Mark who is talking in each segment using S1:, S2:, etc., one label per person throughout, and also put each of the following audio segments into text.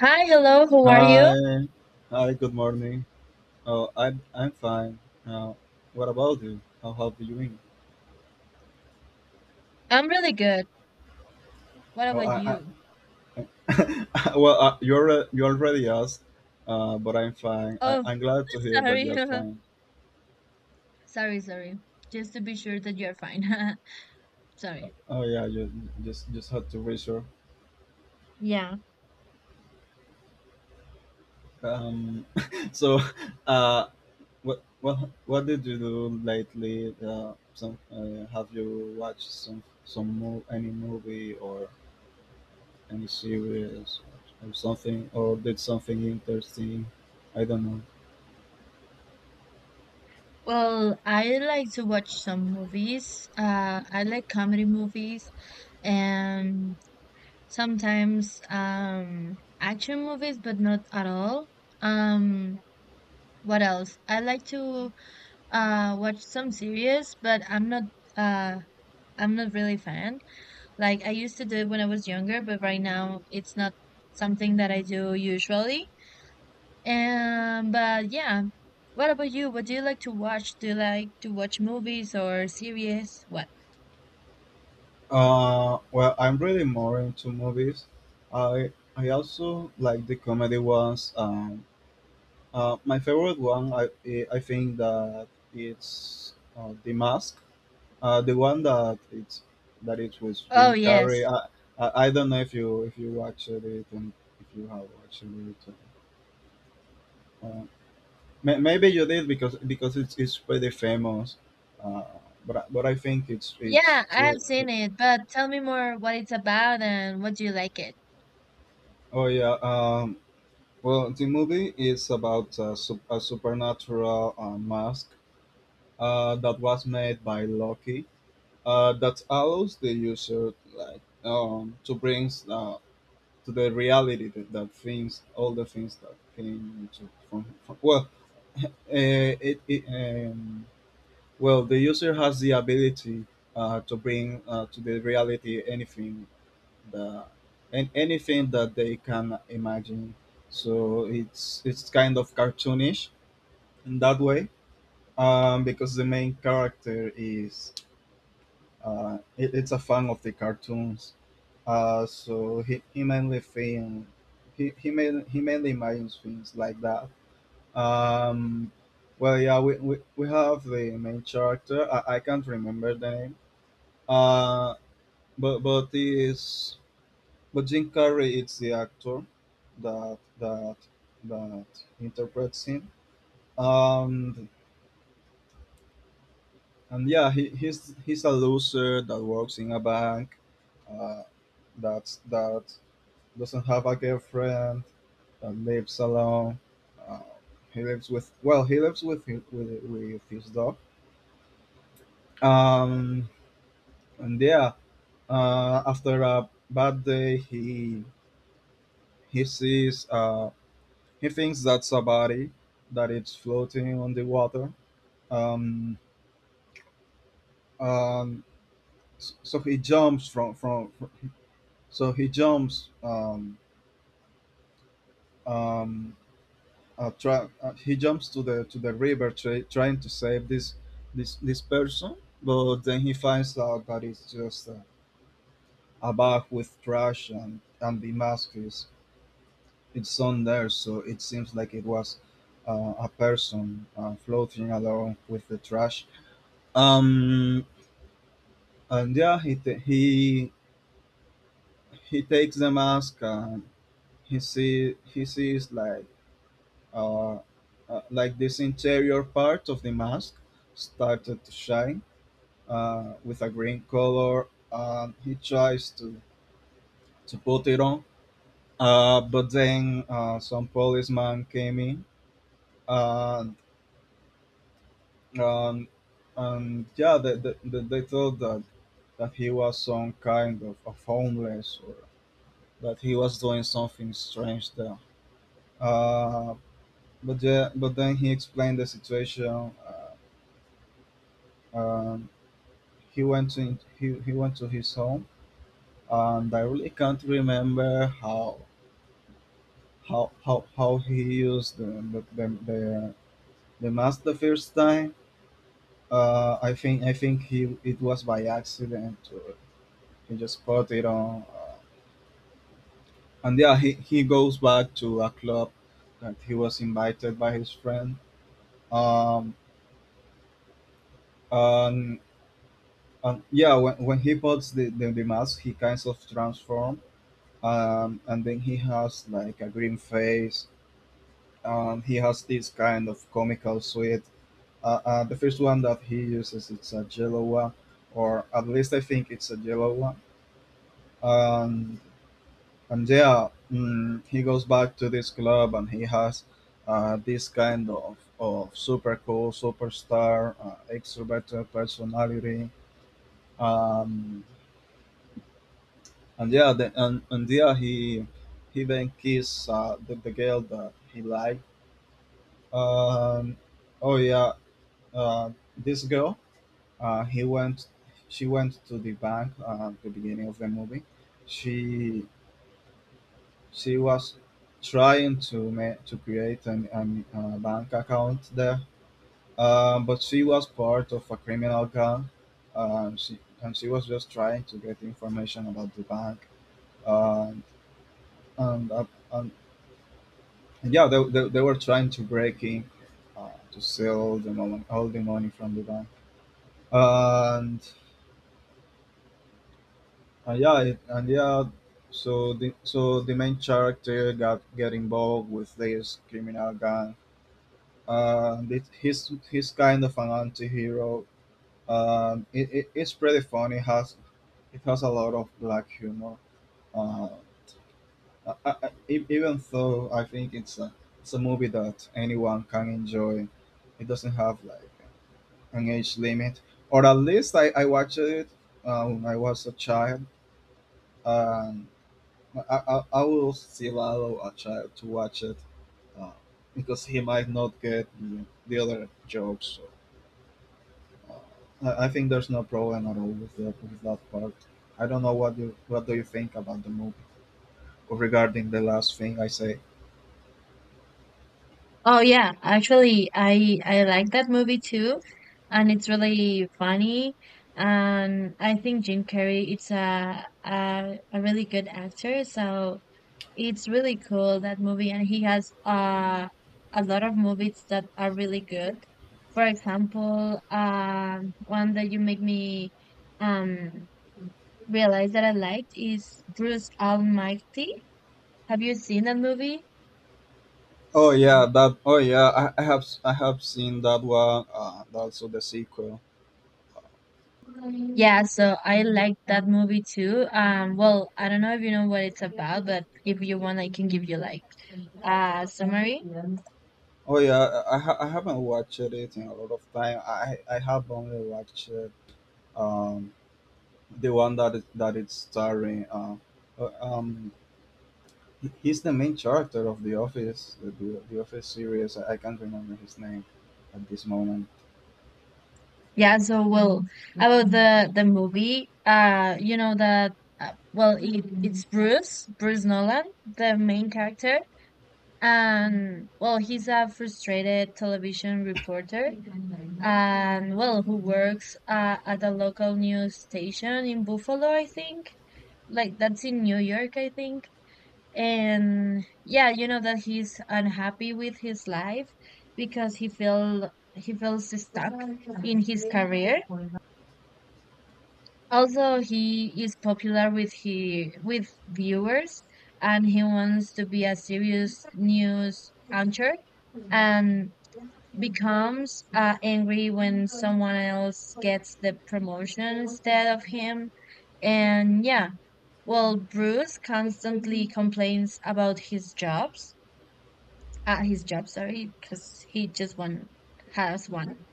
S1: Hi, hello, how are you?
S2: Hi. Hi, good morning. I'm fine. Now, what about you? How have you been?
S1: I'm really good. What
S2: Oh,
S1: about you?
S2: I well, You already asked, but I'm fine.
S1: Oh,
S2: I'm glad to hear that you
S1: sorry.
S2: are fine.
S1: Sorry, sorry. Just to be sure that you're fine. Sorry.
S2: Oh yeah, you just had to reassure.
S1: Yeah.
S2: Um, so, uh, what what what did you do lately? Some Have you watched some any movie or any series or something, or did something interesting? I don't know.
S1: Well, I like to watch some movies. I like comedy movies and sometimes action movies, but not at all. Um, what else? I like to watch some series, but uh I'm not really fan. Like I used to do it when I was younger, but right now it's not something that I do usually. But yeah. What about you? What do you like to watch? Do you like to watch movies or series? What?
S2: I'm really more into movies. I also like the comedy ones. My favorite one, I think that it's The Mask, the one that it was
S1: Oh,
S2: Jim Carrey.
S1: yes.
S2: I don't know if you watched it and if you have watched it. Uh, Maybe you did, because it's pretty famous, uh, but I think it's
S1: Yeah, I have
S2: too.
S1: seen it, but tell me more what it's about and what do you like it?
S2: Oh yeah. Well, the movie is about a, a supernatural mask that was made by Loki, that allows the user like to bring, to the reality that, that things all the things that came into from well it, it well, the user has the ability, to bring, to the reality anything that and anything that they can imagine. So it's kind of cartoonish in that way, because the main character is, it's a fan of the cartoons. So he mainly imagines things like that. Um, yeah, we have the main character. I can't remember the name. Uh, but is but Jim Carrey is the actor that that that interprets him. Um, and Yeah, he's a loser that works in a bank, uh, that doesn't have a girlfriend, that lives alone. Uh, he lives with with his dog. Um, and Yeah, after a bad day, he sees, he thinks that's a body, that it's floating on the water. Um, um, so he jumps he jumps. Um, he jumps to the river, trying to save this person. But then he finds out that it's just a bag with trash, and the mask is it's on there. So it seems like it was, a person, floating along with the trash. Um, and Yeah, he ta he takes the mask, and he sees like, uh, like this interior part of the mask started to shine, with a green color, and he tries to put it on, but then, some policeman came in, and um, and yeah, they thought that that he was some kind of homeless, or that he was doing something strange there. Uh, but but then he explained the situation. Uh, um, he went to his home, and I really can't remember how he used the mask the first time. I think he it was by accident. He just put it on, and yeah, he goes back to a club that he was invited by his friend. Um, and And Yeah, when he puts the mask, he kind of transforms. And Then he has like a green face. He has this kind of comical suit. The first one that he uses, it's a yellow one, or at least I think it's a yellow one. And, and yeah, he goes back to this club and he has, this kind of super cool, superstar, extroverted personality. Um, and yeah, he then kissed, the girl that he liked. Um, oh yeah, uh, this girl. He went. She went to the bank, at the beginning of the movie. She she was trying to create an bank account there, but she was part of a criminal gang. She was just trying to get information about the bank. Uh, and, uh, and yeah, they were trying to break in, to sell the money, all the money from the bank. And and yeah, so the main character got get involved with this criminal gang. He's he's kind of an anti-hero. It's pretty funny. It has a lot of black humor. Uh, Even though I think it's a movie that anyone can enjoy. It doesn't have like an age limit, or at least I watched it, when I was a child, and I will still allow a child to watch it, uh, because he might not get the other jokes. So, uh, I think there's no problem at all with that part. I don't know what you what do you think about the movie regarding the last thing I say.
S1: Oh yeah, actually I like that movie too, and it's really funny, and I think Jim Carrey it's a really good actor. So it's really cool that movie, and he has a lot of movies that are really good. For example, one that you make me um, realize that I liked is Bruce Almighty. Have you seen that movie?
S2: Oh yeah, that. Oh yeah, I have seen that one. Also the sequel.
S1: Yeah, so I liked that movie too. Well, I don't know if you know what it's about, but if you want, I can give you like a summary.
S2: Oh yeah, I haven't watched it in a lot of time. I have only watched, um the one that is, that it's starring, uh, um he's the main character of The Office, the Office series. I can't remember his name at this moment.
S1: Yeah, so well, about the movie, you know that well it's Bruce, Bruce Nolan, the main character, and well he's a frustrated television reporter, and well who works at a local news station in Buffalo, I think, like that's in New York, I think, and yeah, you know that he's unhappy with his life because he feels stuck in his career. Also, he is popular with he with viewers, and he wants to be a serious news anchor, and becomes angry when someone else gets the promotion instead of him. And yeah, well, Bruce constantly complains about his jobs at his job, sorry, because he just one has one.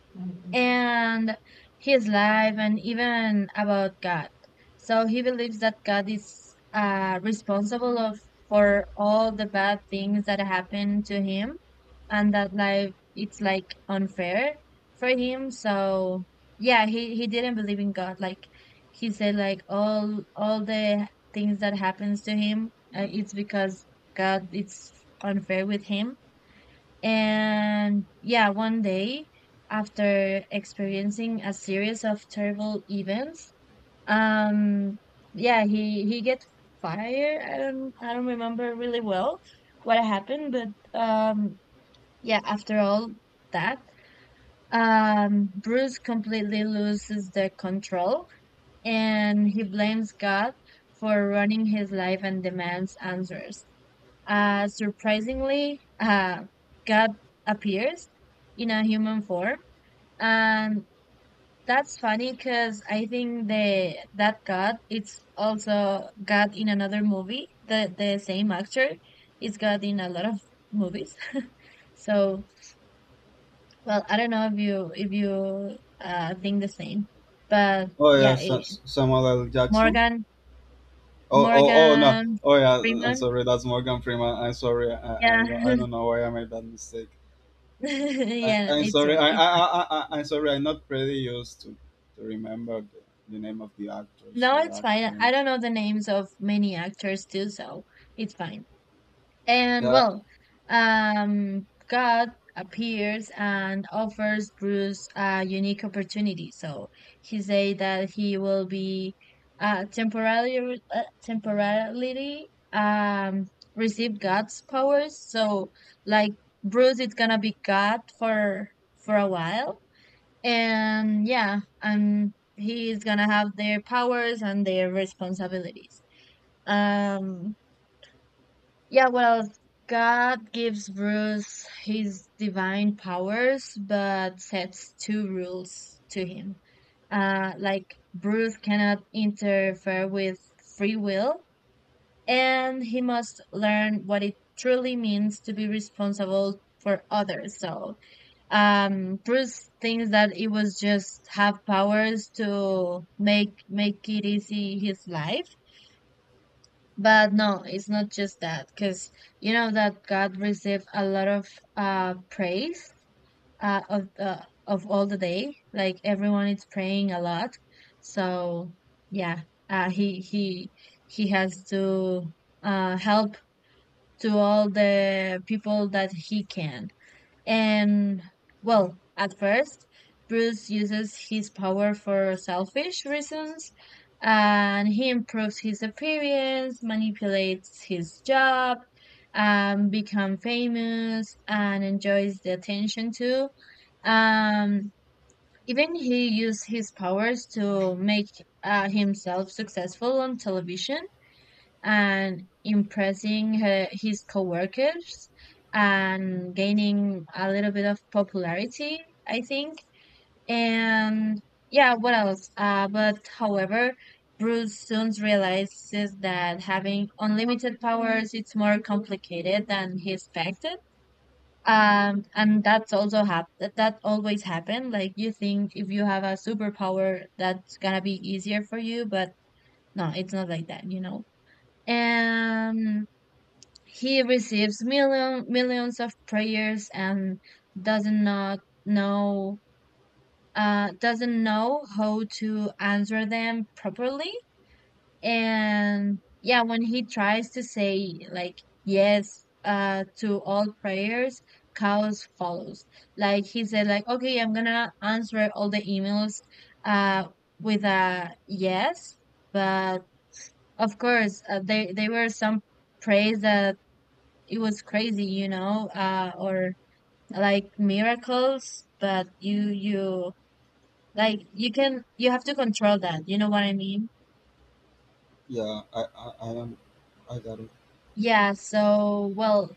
S1: And his life and even about God. So he believes that God is responsible of for all the bad things that happen to him and that life it's like unfair for him. So yeah, he didn't believe in God. Like he said like all the things that happens to him it's because God it's unfair with him. And yeah, one day after experiencing a series of terrible events, um, yeah, he gets fired. I don't remember really well what happened, but yeah, after all that, Bruce completely loses the control and he blames God for running his life and demands answers. Surprisingly, God appears in a human form, and that's funny because I think the that God it's also God in another movie. The same actor is God in a lot of movies. So, well, I don't know if you think the same, but
S2: Samuel L. Jackson.
S1: Morgan
S2: Oh no.
S1: Morgan
S2: Oh yeah, I'm
S1: Freeman,
S2: sorry. That's Morgan Freeman. I'm sorry.
S1: yeah,
S2: I don't know why I made that mistake.
S1: yeah,
S2: I'm sorry.
S1: it's fine.
S2: I'm sorry. I'm not pretty used to remember the name of the actors
S1: No,
S2: or
S1: it's fine. I
S2: actors.
S1: don't know the names of many actors too, so it's fine. And
S2: Yeah,
S1: well, God appears and offers Bruce a unique opportunity. So he say that he will be temporarily um receive God's powers. So like Bruce is gonna be God for a while, and yeah, and he's gonna have their powers and their responsibilities. um yeah, well, god gives bruce his divine powers, but sets two rules to him. Like bruce cannot interfere with free will, and he must learn what it truly means to be responsible for others. So Bruce thinks that it was just have powers to make it easy his life, but no, it's not just that, because you know that God received a lot of praise of the of all the day, like everyone is praying a lot. So yeah, uh he he he has to help to all the people that he can. And well, at first, Bruce uses his power for selfish reasons, and he improves his appearance, manipulates his job, become famous and enjoys the attention too. Um, Even he used his powers to make himself successful on television and impressing his coworkers and gaining a little bit of popularity, I think. And yeah, what else? But however, Bruce soon realizes that having unlimited powers it's more complicated than he expected. And that's also that always happened. Like you think if you have a superpower, that's gonna be easier for you, but no, it's not like that, you know. Um, he receives millions of prayers and doesn't not know doesn't know how to answer them properly. And yeah, when he tries to say like yes to all prayers, chaos follows. Like he said like okay, I'm gonna answer all the emails uh with a yes, but of course there were some prays that it was crazy, you know, or like miracles, but you can, you have to control that. You know what I mean?
S2: yeah. I am. I got it.
S1: Yeah. So, well,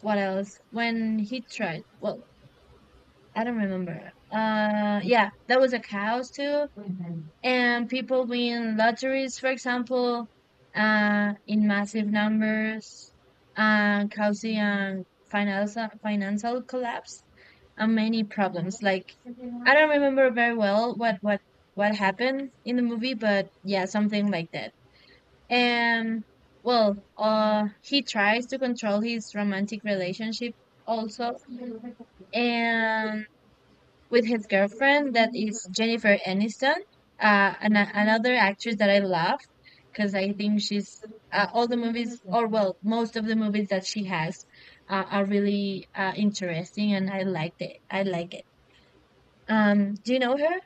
S1: what else? When he tried, well, I don't remember. Yeah, that was a cows too, and people win lotteries, for example, in massive numbers, causing financial collapse and many problems. Like I don't remember very well what happened in the movie, but yeah, something like that. And well, he tries to control his romantic relationship also, and with his girlfriend that is Jennifer Aniston, another actress that I love, because I think she's all the movies, or well, most of the movies that she has are really interesting, and I liked it. I like it. Do you know her?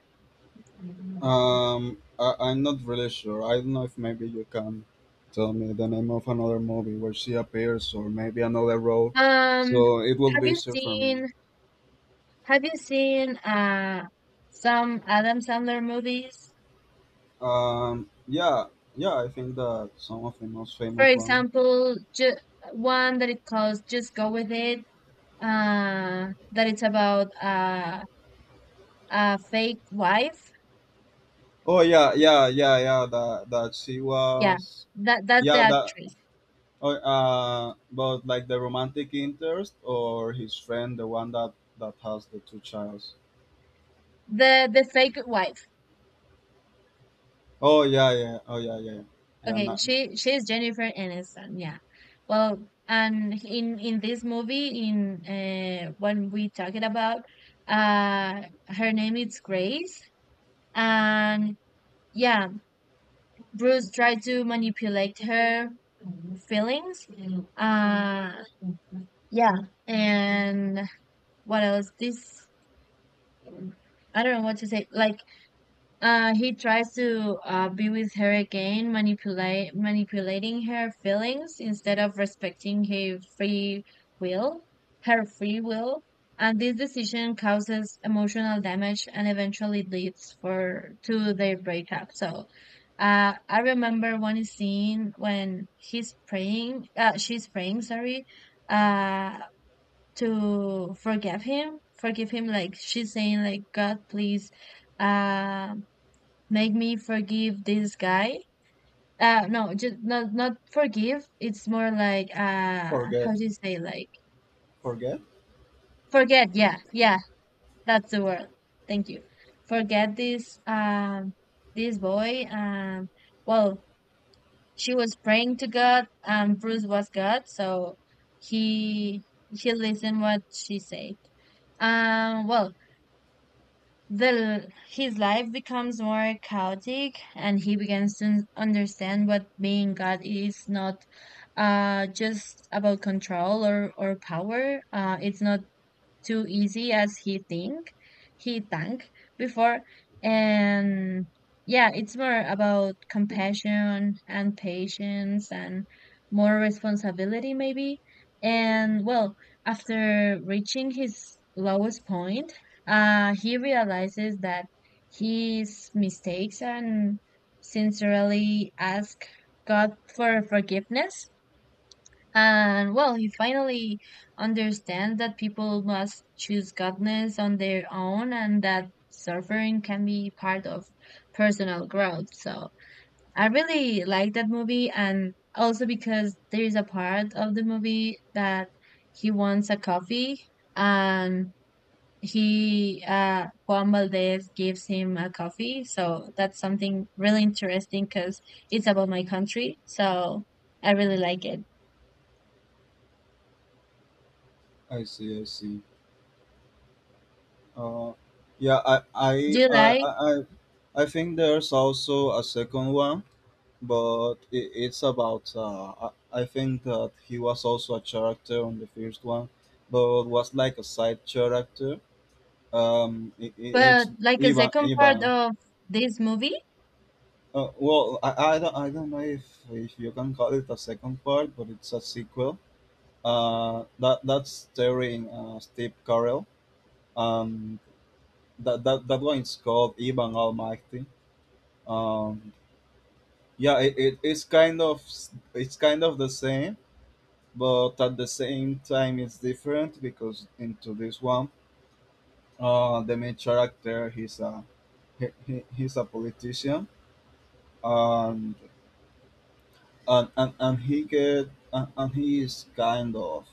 S2: I'm not really sure. I don't know if maybe you can tell me the name of another movie where she appears, or maybe another role.
S1: Um,
S2: So it will
S1: have
S2: be
S1: you
S2: easier for me.
S1: seen Have you seen some Adam Sandler movies?
S2: Yeah, yeah. I think that some of the most
S1: For
S2: famous ones.
S1: example, one that it calls "Just Go with It." That it's about fake wife,
S2: Oh yeah, yeah, yeah, yeah. That that she
S1: yeah,
S2: was.
S1: that that's the
S2: Yeah, that.
S1: actress,
S2: Or, but like the romantic interest or his friend, the one that that has the two childs.
S1: the fake wife,
S2: Oh yeah, yeah. Oh yeah, yeah. Yeah, Yeah,
S1: okay,
S2: not
S1: she she's jennifer aniston, yeah. Well, and in this movie, in when we talking about, uh her name is grace, and yeah, bruce tried to manipulate her feelings. Uh yeah and What else? This I don't know what to say, like he tries to be with her again, manipulate manipulating her feelings instead of respecting will, her free will, and this decision causes emotional damage and eventually leads for to their breakup. So, I remember one scene when she's praying, sorry, uh, to forgive him, like she's saying, like God, please, uh make me forgive this guy. No, just not forgive. It's more like how
S2: forget,
S1: do you say like
S2: forget.
S1: forget? Yeah, yeah, that's the word. Thank you. Forget this this boy. Well, she was praying to God. Bruce was God, so he he listened what she said. Well, the his life becomes more chaotic, and he begins to understand what being god is not just about control or power. It's not too easy as he think he thanked before. And yeah, it's more about compassion and patience and more responsibility maybe. And well, after reaching his lowest point, he realizes that his mistakes and sincerely ask god for forgiveness. And well, he finally understands that people must choose godness on their own and that suffering can be part of personal growth. So I really like that movie, and also because there is a part of the movie that he wants a coffee, and he Juan Valdez gives him a coffee. So that's something really interesting because it's about my country. So I really like it.
S2: I see, I see. Uh, yeah, I,
S1: Do
S2: I,
S1: you
S2: I, I,
S1: like
S2: I I think there's also a second one, but it's about. I think that he was also a character on the first one, but was like a side character. It,
S1: But
S2: it's
S1: like a
S2: Ivan,
S1: second part
S2: Ivan.
S1: of this movie,
S2: I don't know if you can call it a second part, but it's a sequel. That that's starring, Steve Carell. Um, that that that one is called Ivan Almighty. Um, it's kind of it's kind of the same, but at the same time it's different, because into this one, the main character he's a he's a politician. Um, and he get and he is kind of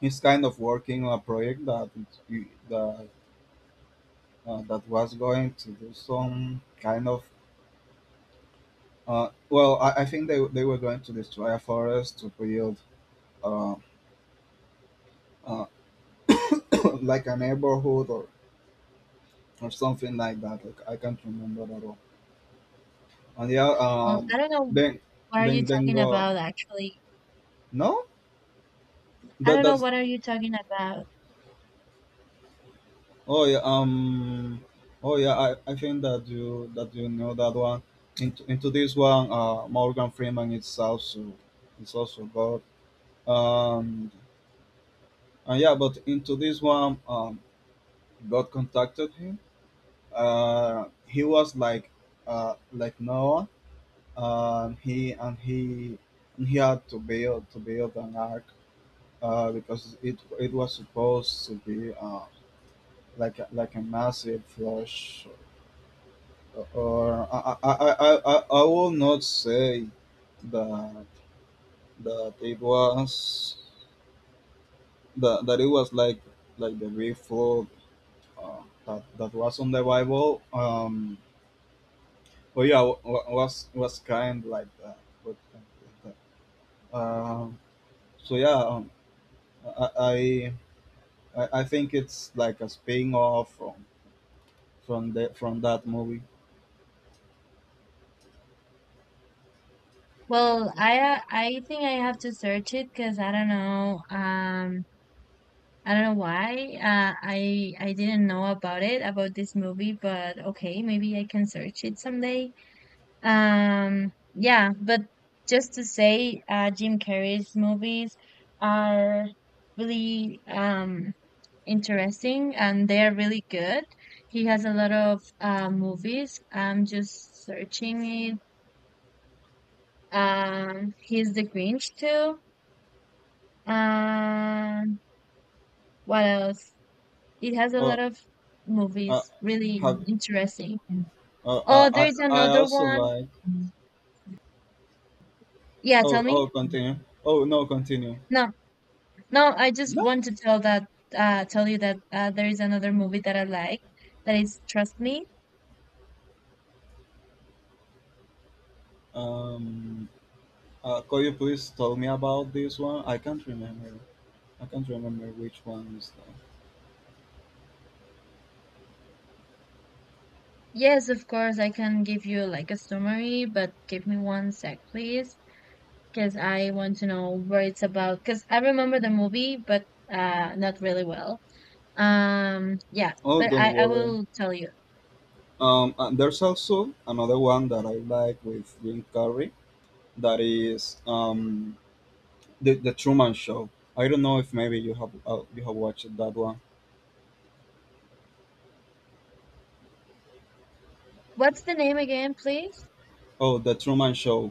S2: he's kind of working on a project that, that was going to do some kind of, well I think they were going to destroy a forest to build, uh, uh, like a neighborhood or something like that like, I can't remember at all. And yeah
S1: oh, I don't know
S2: then
S1: what are you
S2: then
S1: talking
S2: go
S1: about actually.
S2: no
S1: I
S2: that
S1: don't know
S2: that's
S1: what are you talking about.
S2: Oh yeah, I think that you know that one. Into this one, Morgan Freeman is also God. Um, and Yeah, but into this one, God contacted him. He was like Noah. He and he had to build an ark. Because it was supposed to be, like a massive flush, or I will not say that that it was that it was like the big flood, that, that was on the Bible. But yeah, was kind like that. Um, so yeah, I, I I think it's like a spin off from the from that movie.
S1: Well, I think I have to search it because I don't know. I don't know why. I didn't know about it, about this movie, but okay, maybe I can search it someday. Yeah, but just to say, Jim Carrey's movies are really interesting, and they're really good. He has a lot of movies. I'm just searching it. He's the Grinch too. Um, what else? It has a
S2: Uh,
S1: lot of
S2: uh,
S1: movies. Really
S2: have
S1: interesting.
S2: uh,
S1: Oh, there's
S2: I
S1: another
S2: also
S1: one.
S2: like.
S1: Yeah,
S2: Oh,
S1: tell
S2: oh,
S1: me.
S2: continue. Oh, no, continue.
S1: No, no, I just
S2: No?
S1: want to tell you that there is another movie that I like, that is Trust Me.
S2: Um, could you please tell me about this one? I can't remember. I can't remember which one is that.
S1: Yes, of course, I can give you like a summary, but give me one sec, please, because I want to know where it's about. Because I remember the movie, but not really well. Yeah,
S2: Oh,
S1: but
S2: don't
S1: I
S2: worry.
S1: will tell you.
S2: And there's also another one that I like with Jim Carrey, that is, the Truman Show. I don't know if maybe you have, you have watched that one.
S1: What's the name again, please?
S2: Oh, the Truman Show.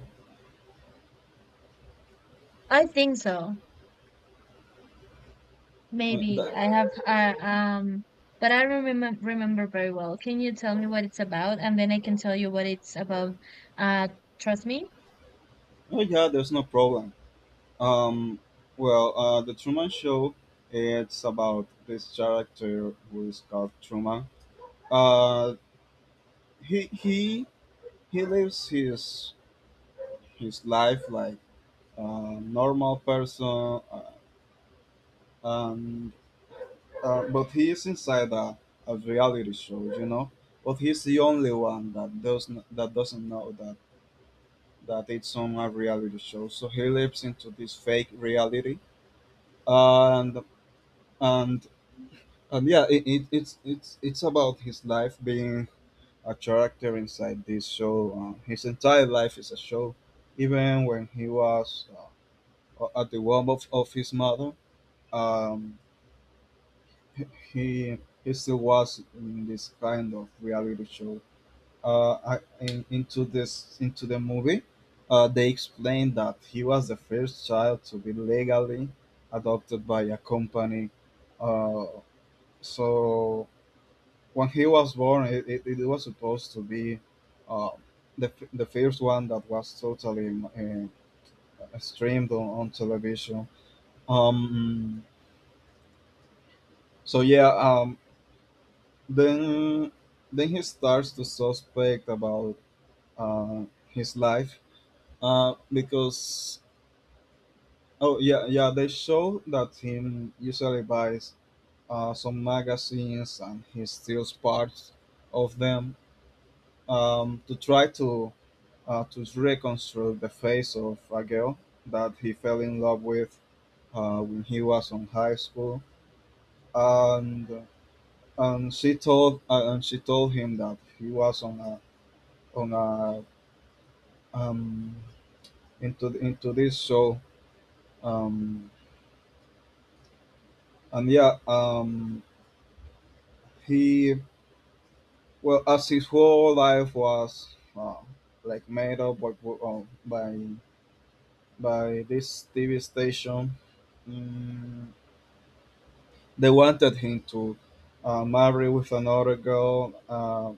S1: I think so.
S2: Uh, that,
S1: Maybe I have. But I don't remember very well. Can you tell me what it's about, and then I can tell you what it's about. Uh, Trust me.
S2: oh yeah, there's no problem. Um, the Truman Show. It's about this character who is called Truman. Uh, he he he lives his life like a normal person, uh, and but he is inside a reality show, you know. But he's the only one that doesn't know that it's on a reality show. So he lives into this fake reality, and and and yeah it, it's about his life being a character inside this show. Uh, His entire life is a show even when he was at the womb of his mother. um, he he still was in this kind of reality show. I, in, into this Into the movie they explained that he was the first child to be legally adopted by a company, uh, so when he was born, it was supposed to be uh, the first one that was totally streamed on television. Um, so yeah, then then he starts to suspect about uh, his life, because oh yeah, they show that him usually buys some magazines and he steals parts of them, to try to reconstruct the face of a girl that he fell in love with when he was in high school, and she told him that he was on a um, into this show, um, and yeah, he, well, as his whole life was like made up by, by this TV station. Mm, they wanted him to marry with another girl,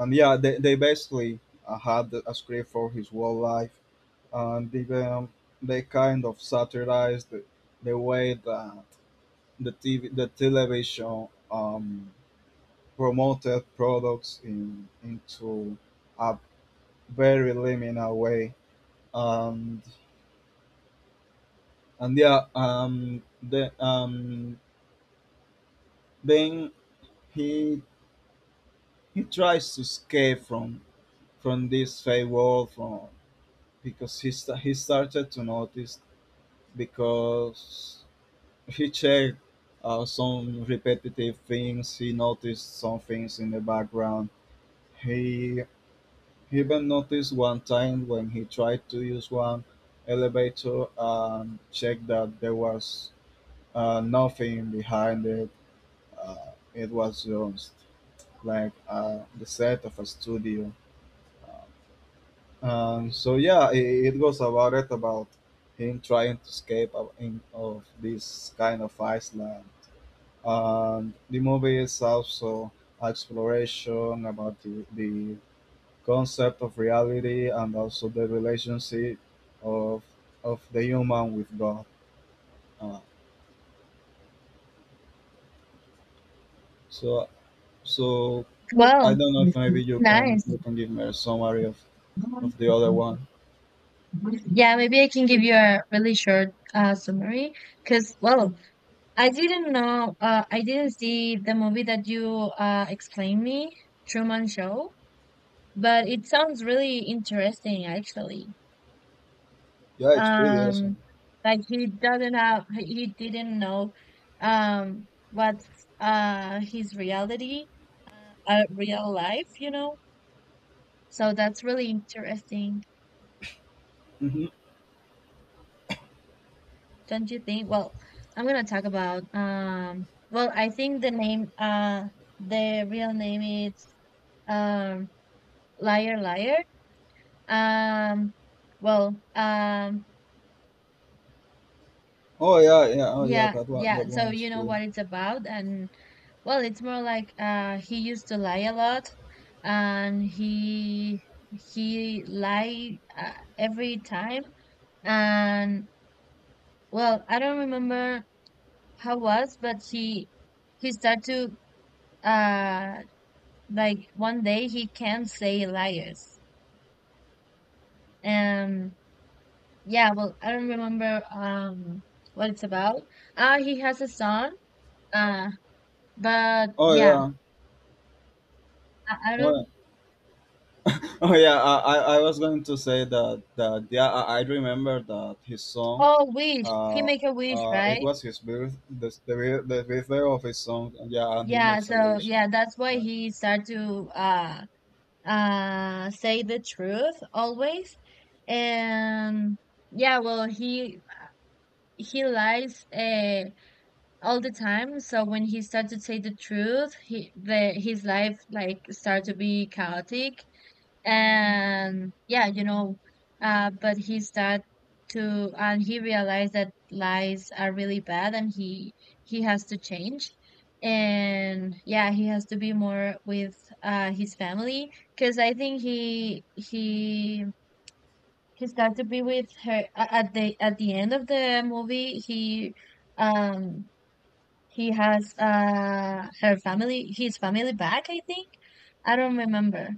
S2: and yeah, they basically had a script for his whole life, and even they kind of satirized the way that the television promoted products in into a very liminal way, and and yeah, the, then he he tries to escape from this favor from because he started to notice because he checked some repetitive things, he noticed some things in the background. He even noticed one time when he tried to use one elevator and checked that there was nothing behind it. It was just like the set of a studio. So yeah, it goes about it, about him trying to escape of this kind of Iceland. And the movie is also exploration about the concept of reality and also the relationship of the human with God. Uh, so so I
S1: Well,
S2: don't know if maybe you
S1: nice.
S2: can give me a summary of the other one.
S1: Yeah, maybe I can give you a really short summary because, well, I didn't know. I didn't see the movie that you explained me, Truman Show, but it sounds really interesting, actually.
S2: Yeah, it's pretty awesome.
S1: Um, like he doesn't have, he didn't know, what's his reality, real life, you know. So that's really interesting,
S2: Hmm.
S1: don't you think? Well, I'm gonna talk about. Well, I think the name, the real name is um. Liar Liar. Um, well, um,
S2: Oh yeah, yeah, oh yeah,
S1: yeah,
S2: that
S1: yeah. So
S2: one is
S1: you know
S2: cool.
S1: what it's about, and well, it's more like he used to lie a lot, and he lied every time, and well, I don't remember how it was, but he started to uh like one day he can't say liars. And yeah, well, I don't remember what it's about. He has a son. Uh, but
S2: Oh
S1: yeah,
S2: yeah.
S1: I
S2: Oh,
S1: don't.
S2: oh yeah, I was going to say that that yeah, I remember that his song.
S1: Oh, wish he
S2: Uh,
S1: make a wish,
S2: it
S1: right?
S2: was his birth, the birthday of his song. Yeah, and he
S1: Yeah.
S2: makes a
S1: So
S2: wish.
S1: yeah, that's why
S2: That,
S1: he start to say the truth always. And yeah, well he lies all the time. So when he start to say the truth, he the his life like start to be chaotic. And yeah, you know, but he's that to, and he realized that lies are really bad, and he has to change. And yeah, he has to be more with his family, because I think he he's got to be with her at the end of the movie. Um he has her family his family back, I think. I don't remember.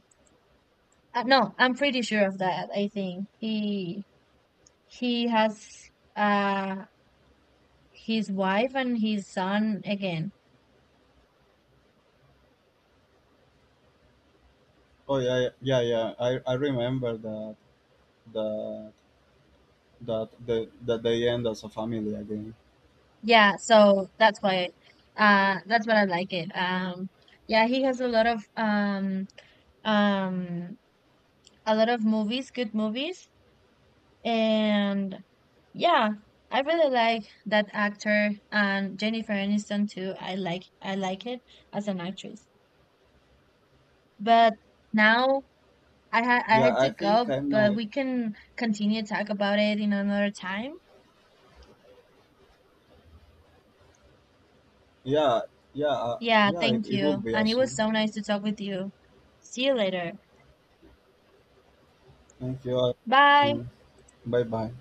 S1: No, I'm pretty sure of that. I think he has uh his wife and his son again.
S2: oh yeah, yeah, yeah. I remember that that they end as a family again.
S1: Yeah, so that's why that's what I like it. Yeah, he has um a lot of movies, good movies. And yeah, I really like that actor, and Jennifer Aniston too. I like it as an actress. But now I
S2: Yeah,
S1: had
S2: I
S1: to
S2: think
S1: go,
S2: I
S1: but
S2: might.
S1: we can continue to talk about it in another time.
S2: Yeah, yeah,
S1: Yeah,
S2: yeah.
S1: thank
S2: It will
S1: you.
S2: be
S1: And it was
S2: awesome.
S1: so nice to talk with you. See you later.
S2: Thank you.
S1: Bye.
S2: Awesome. Bye bye.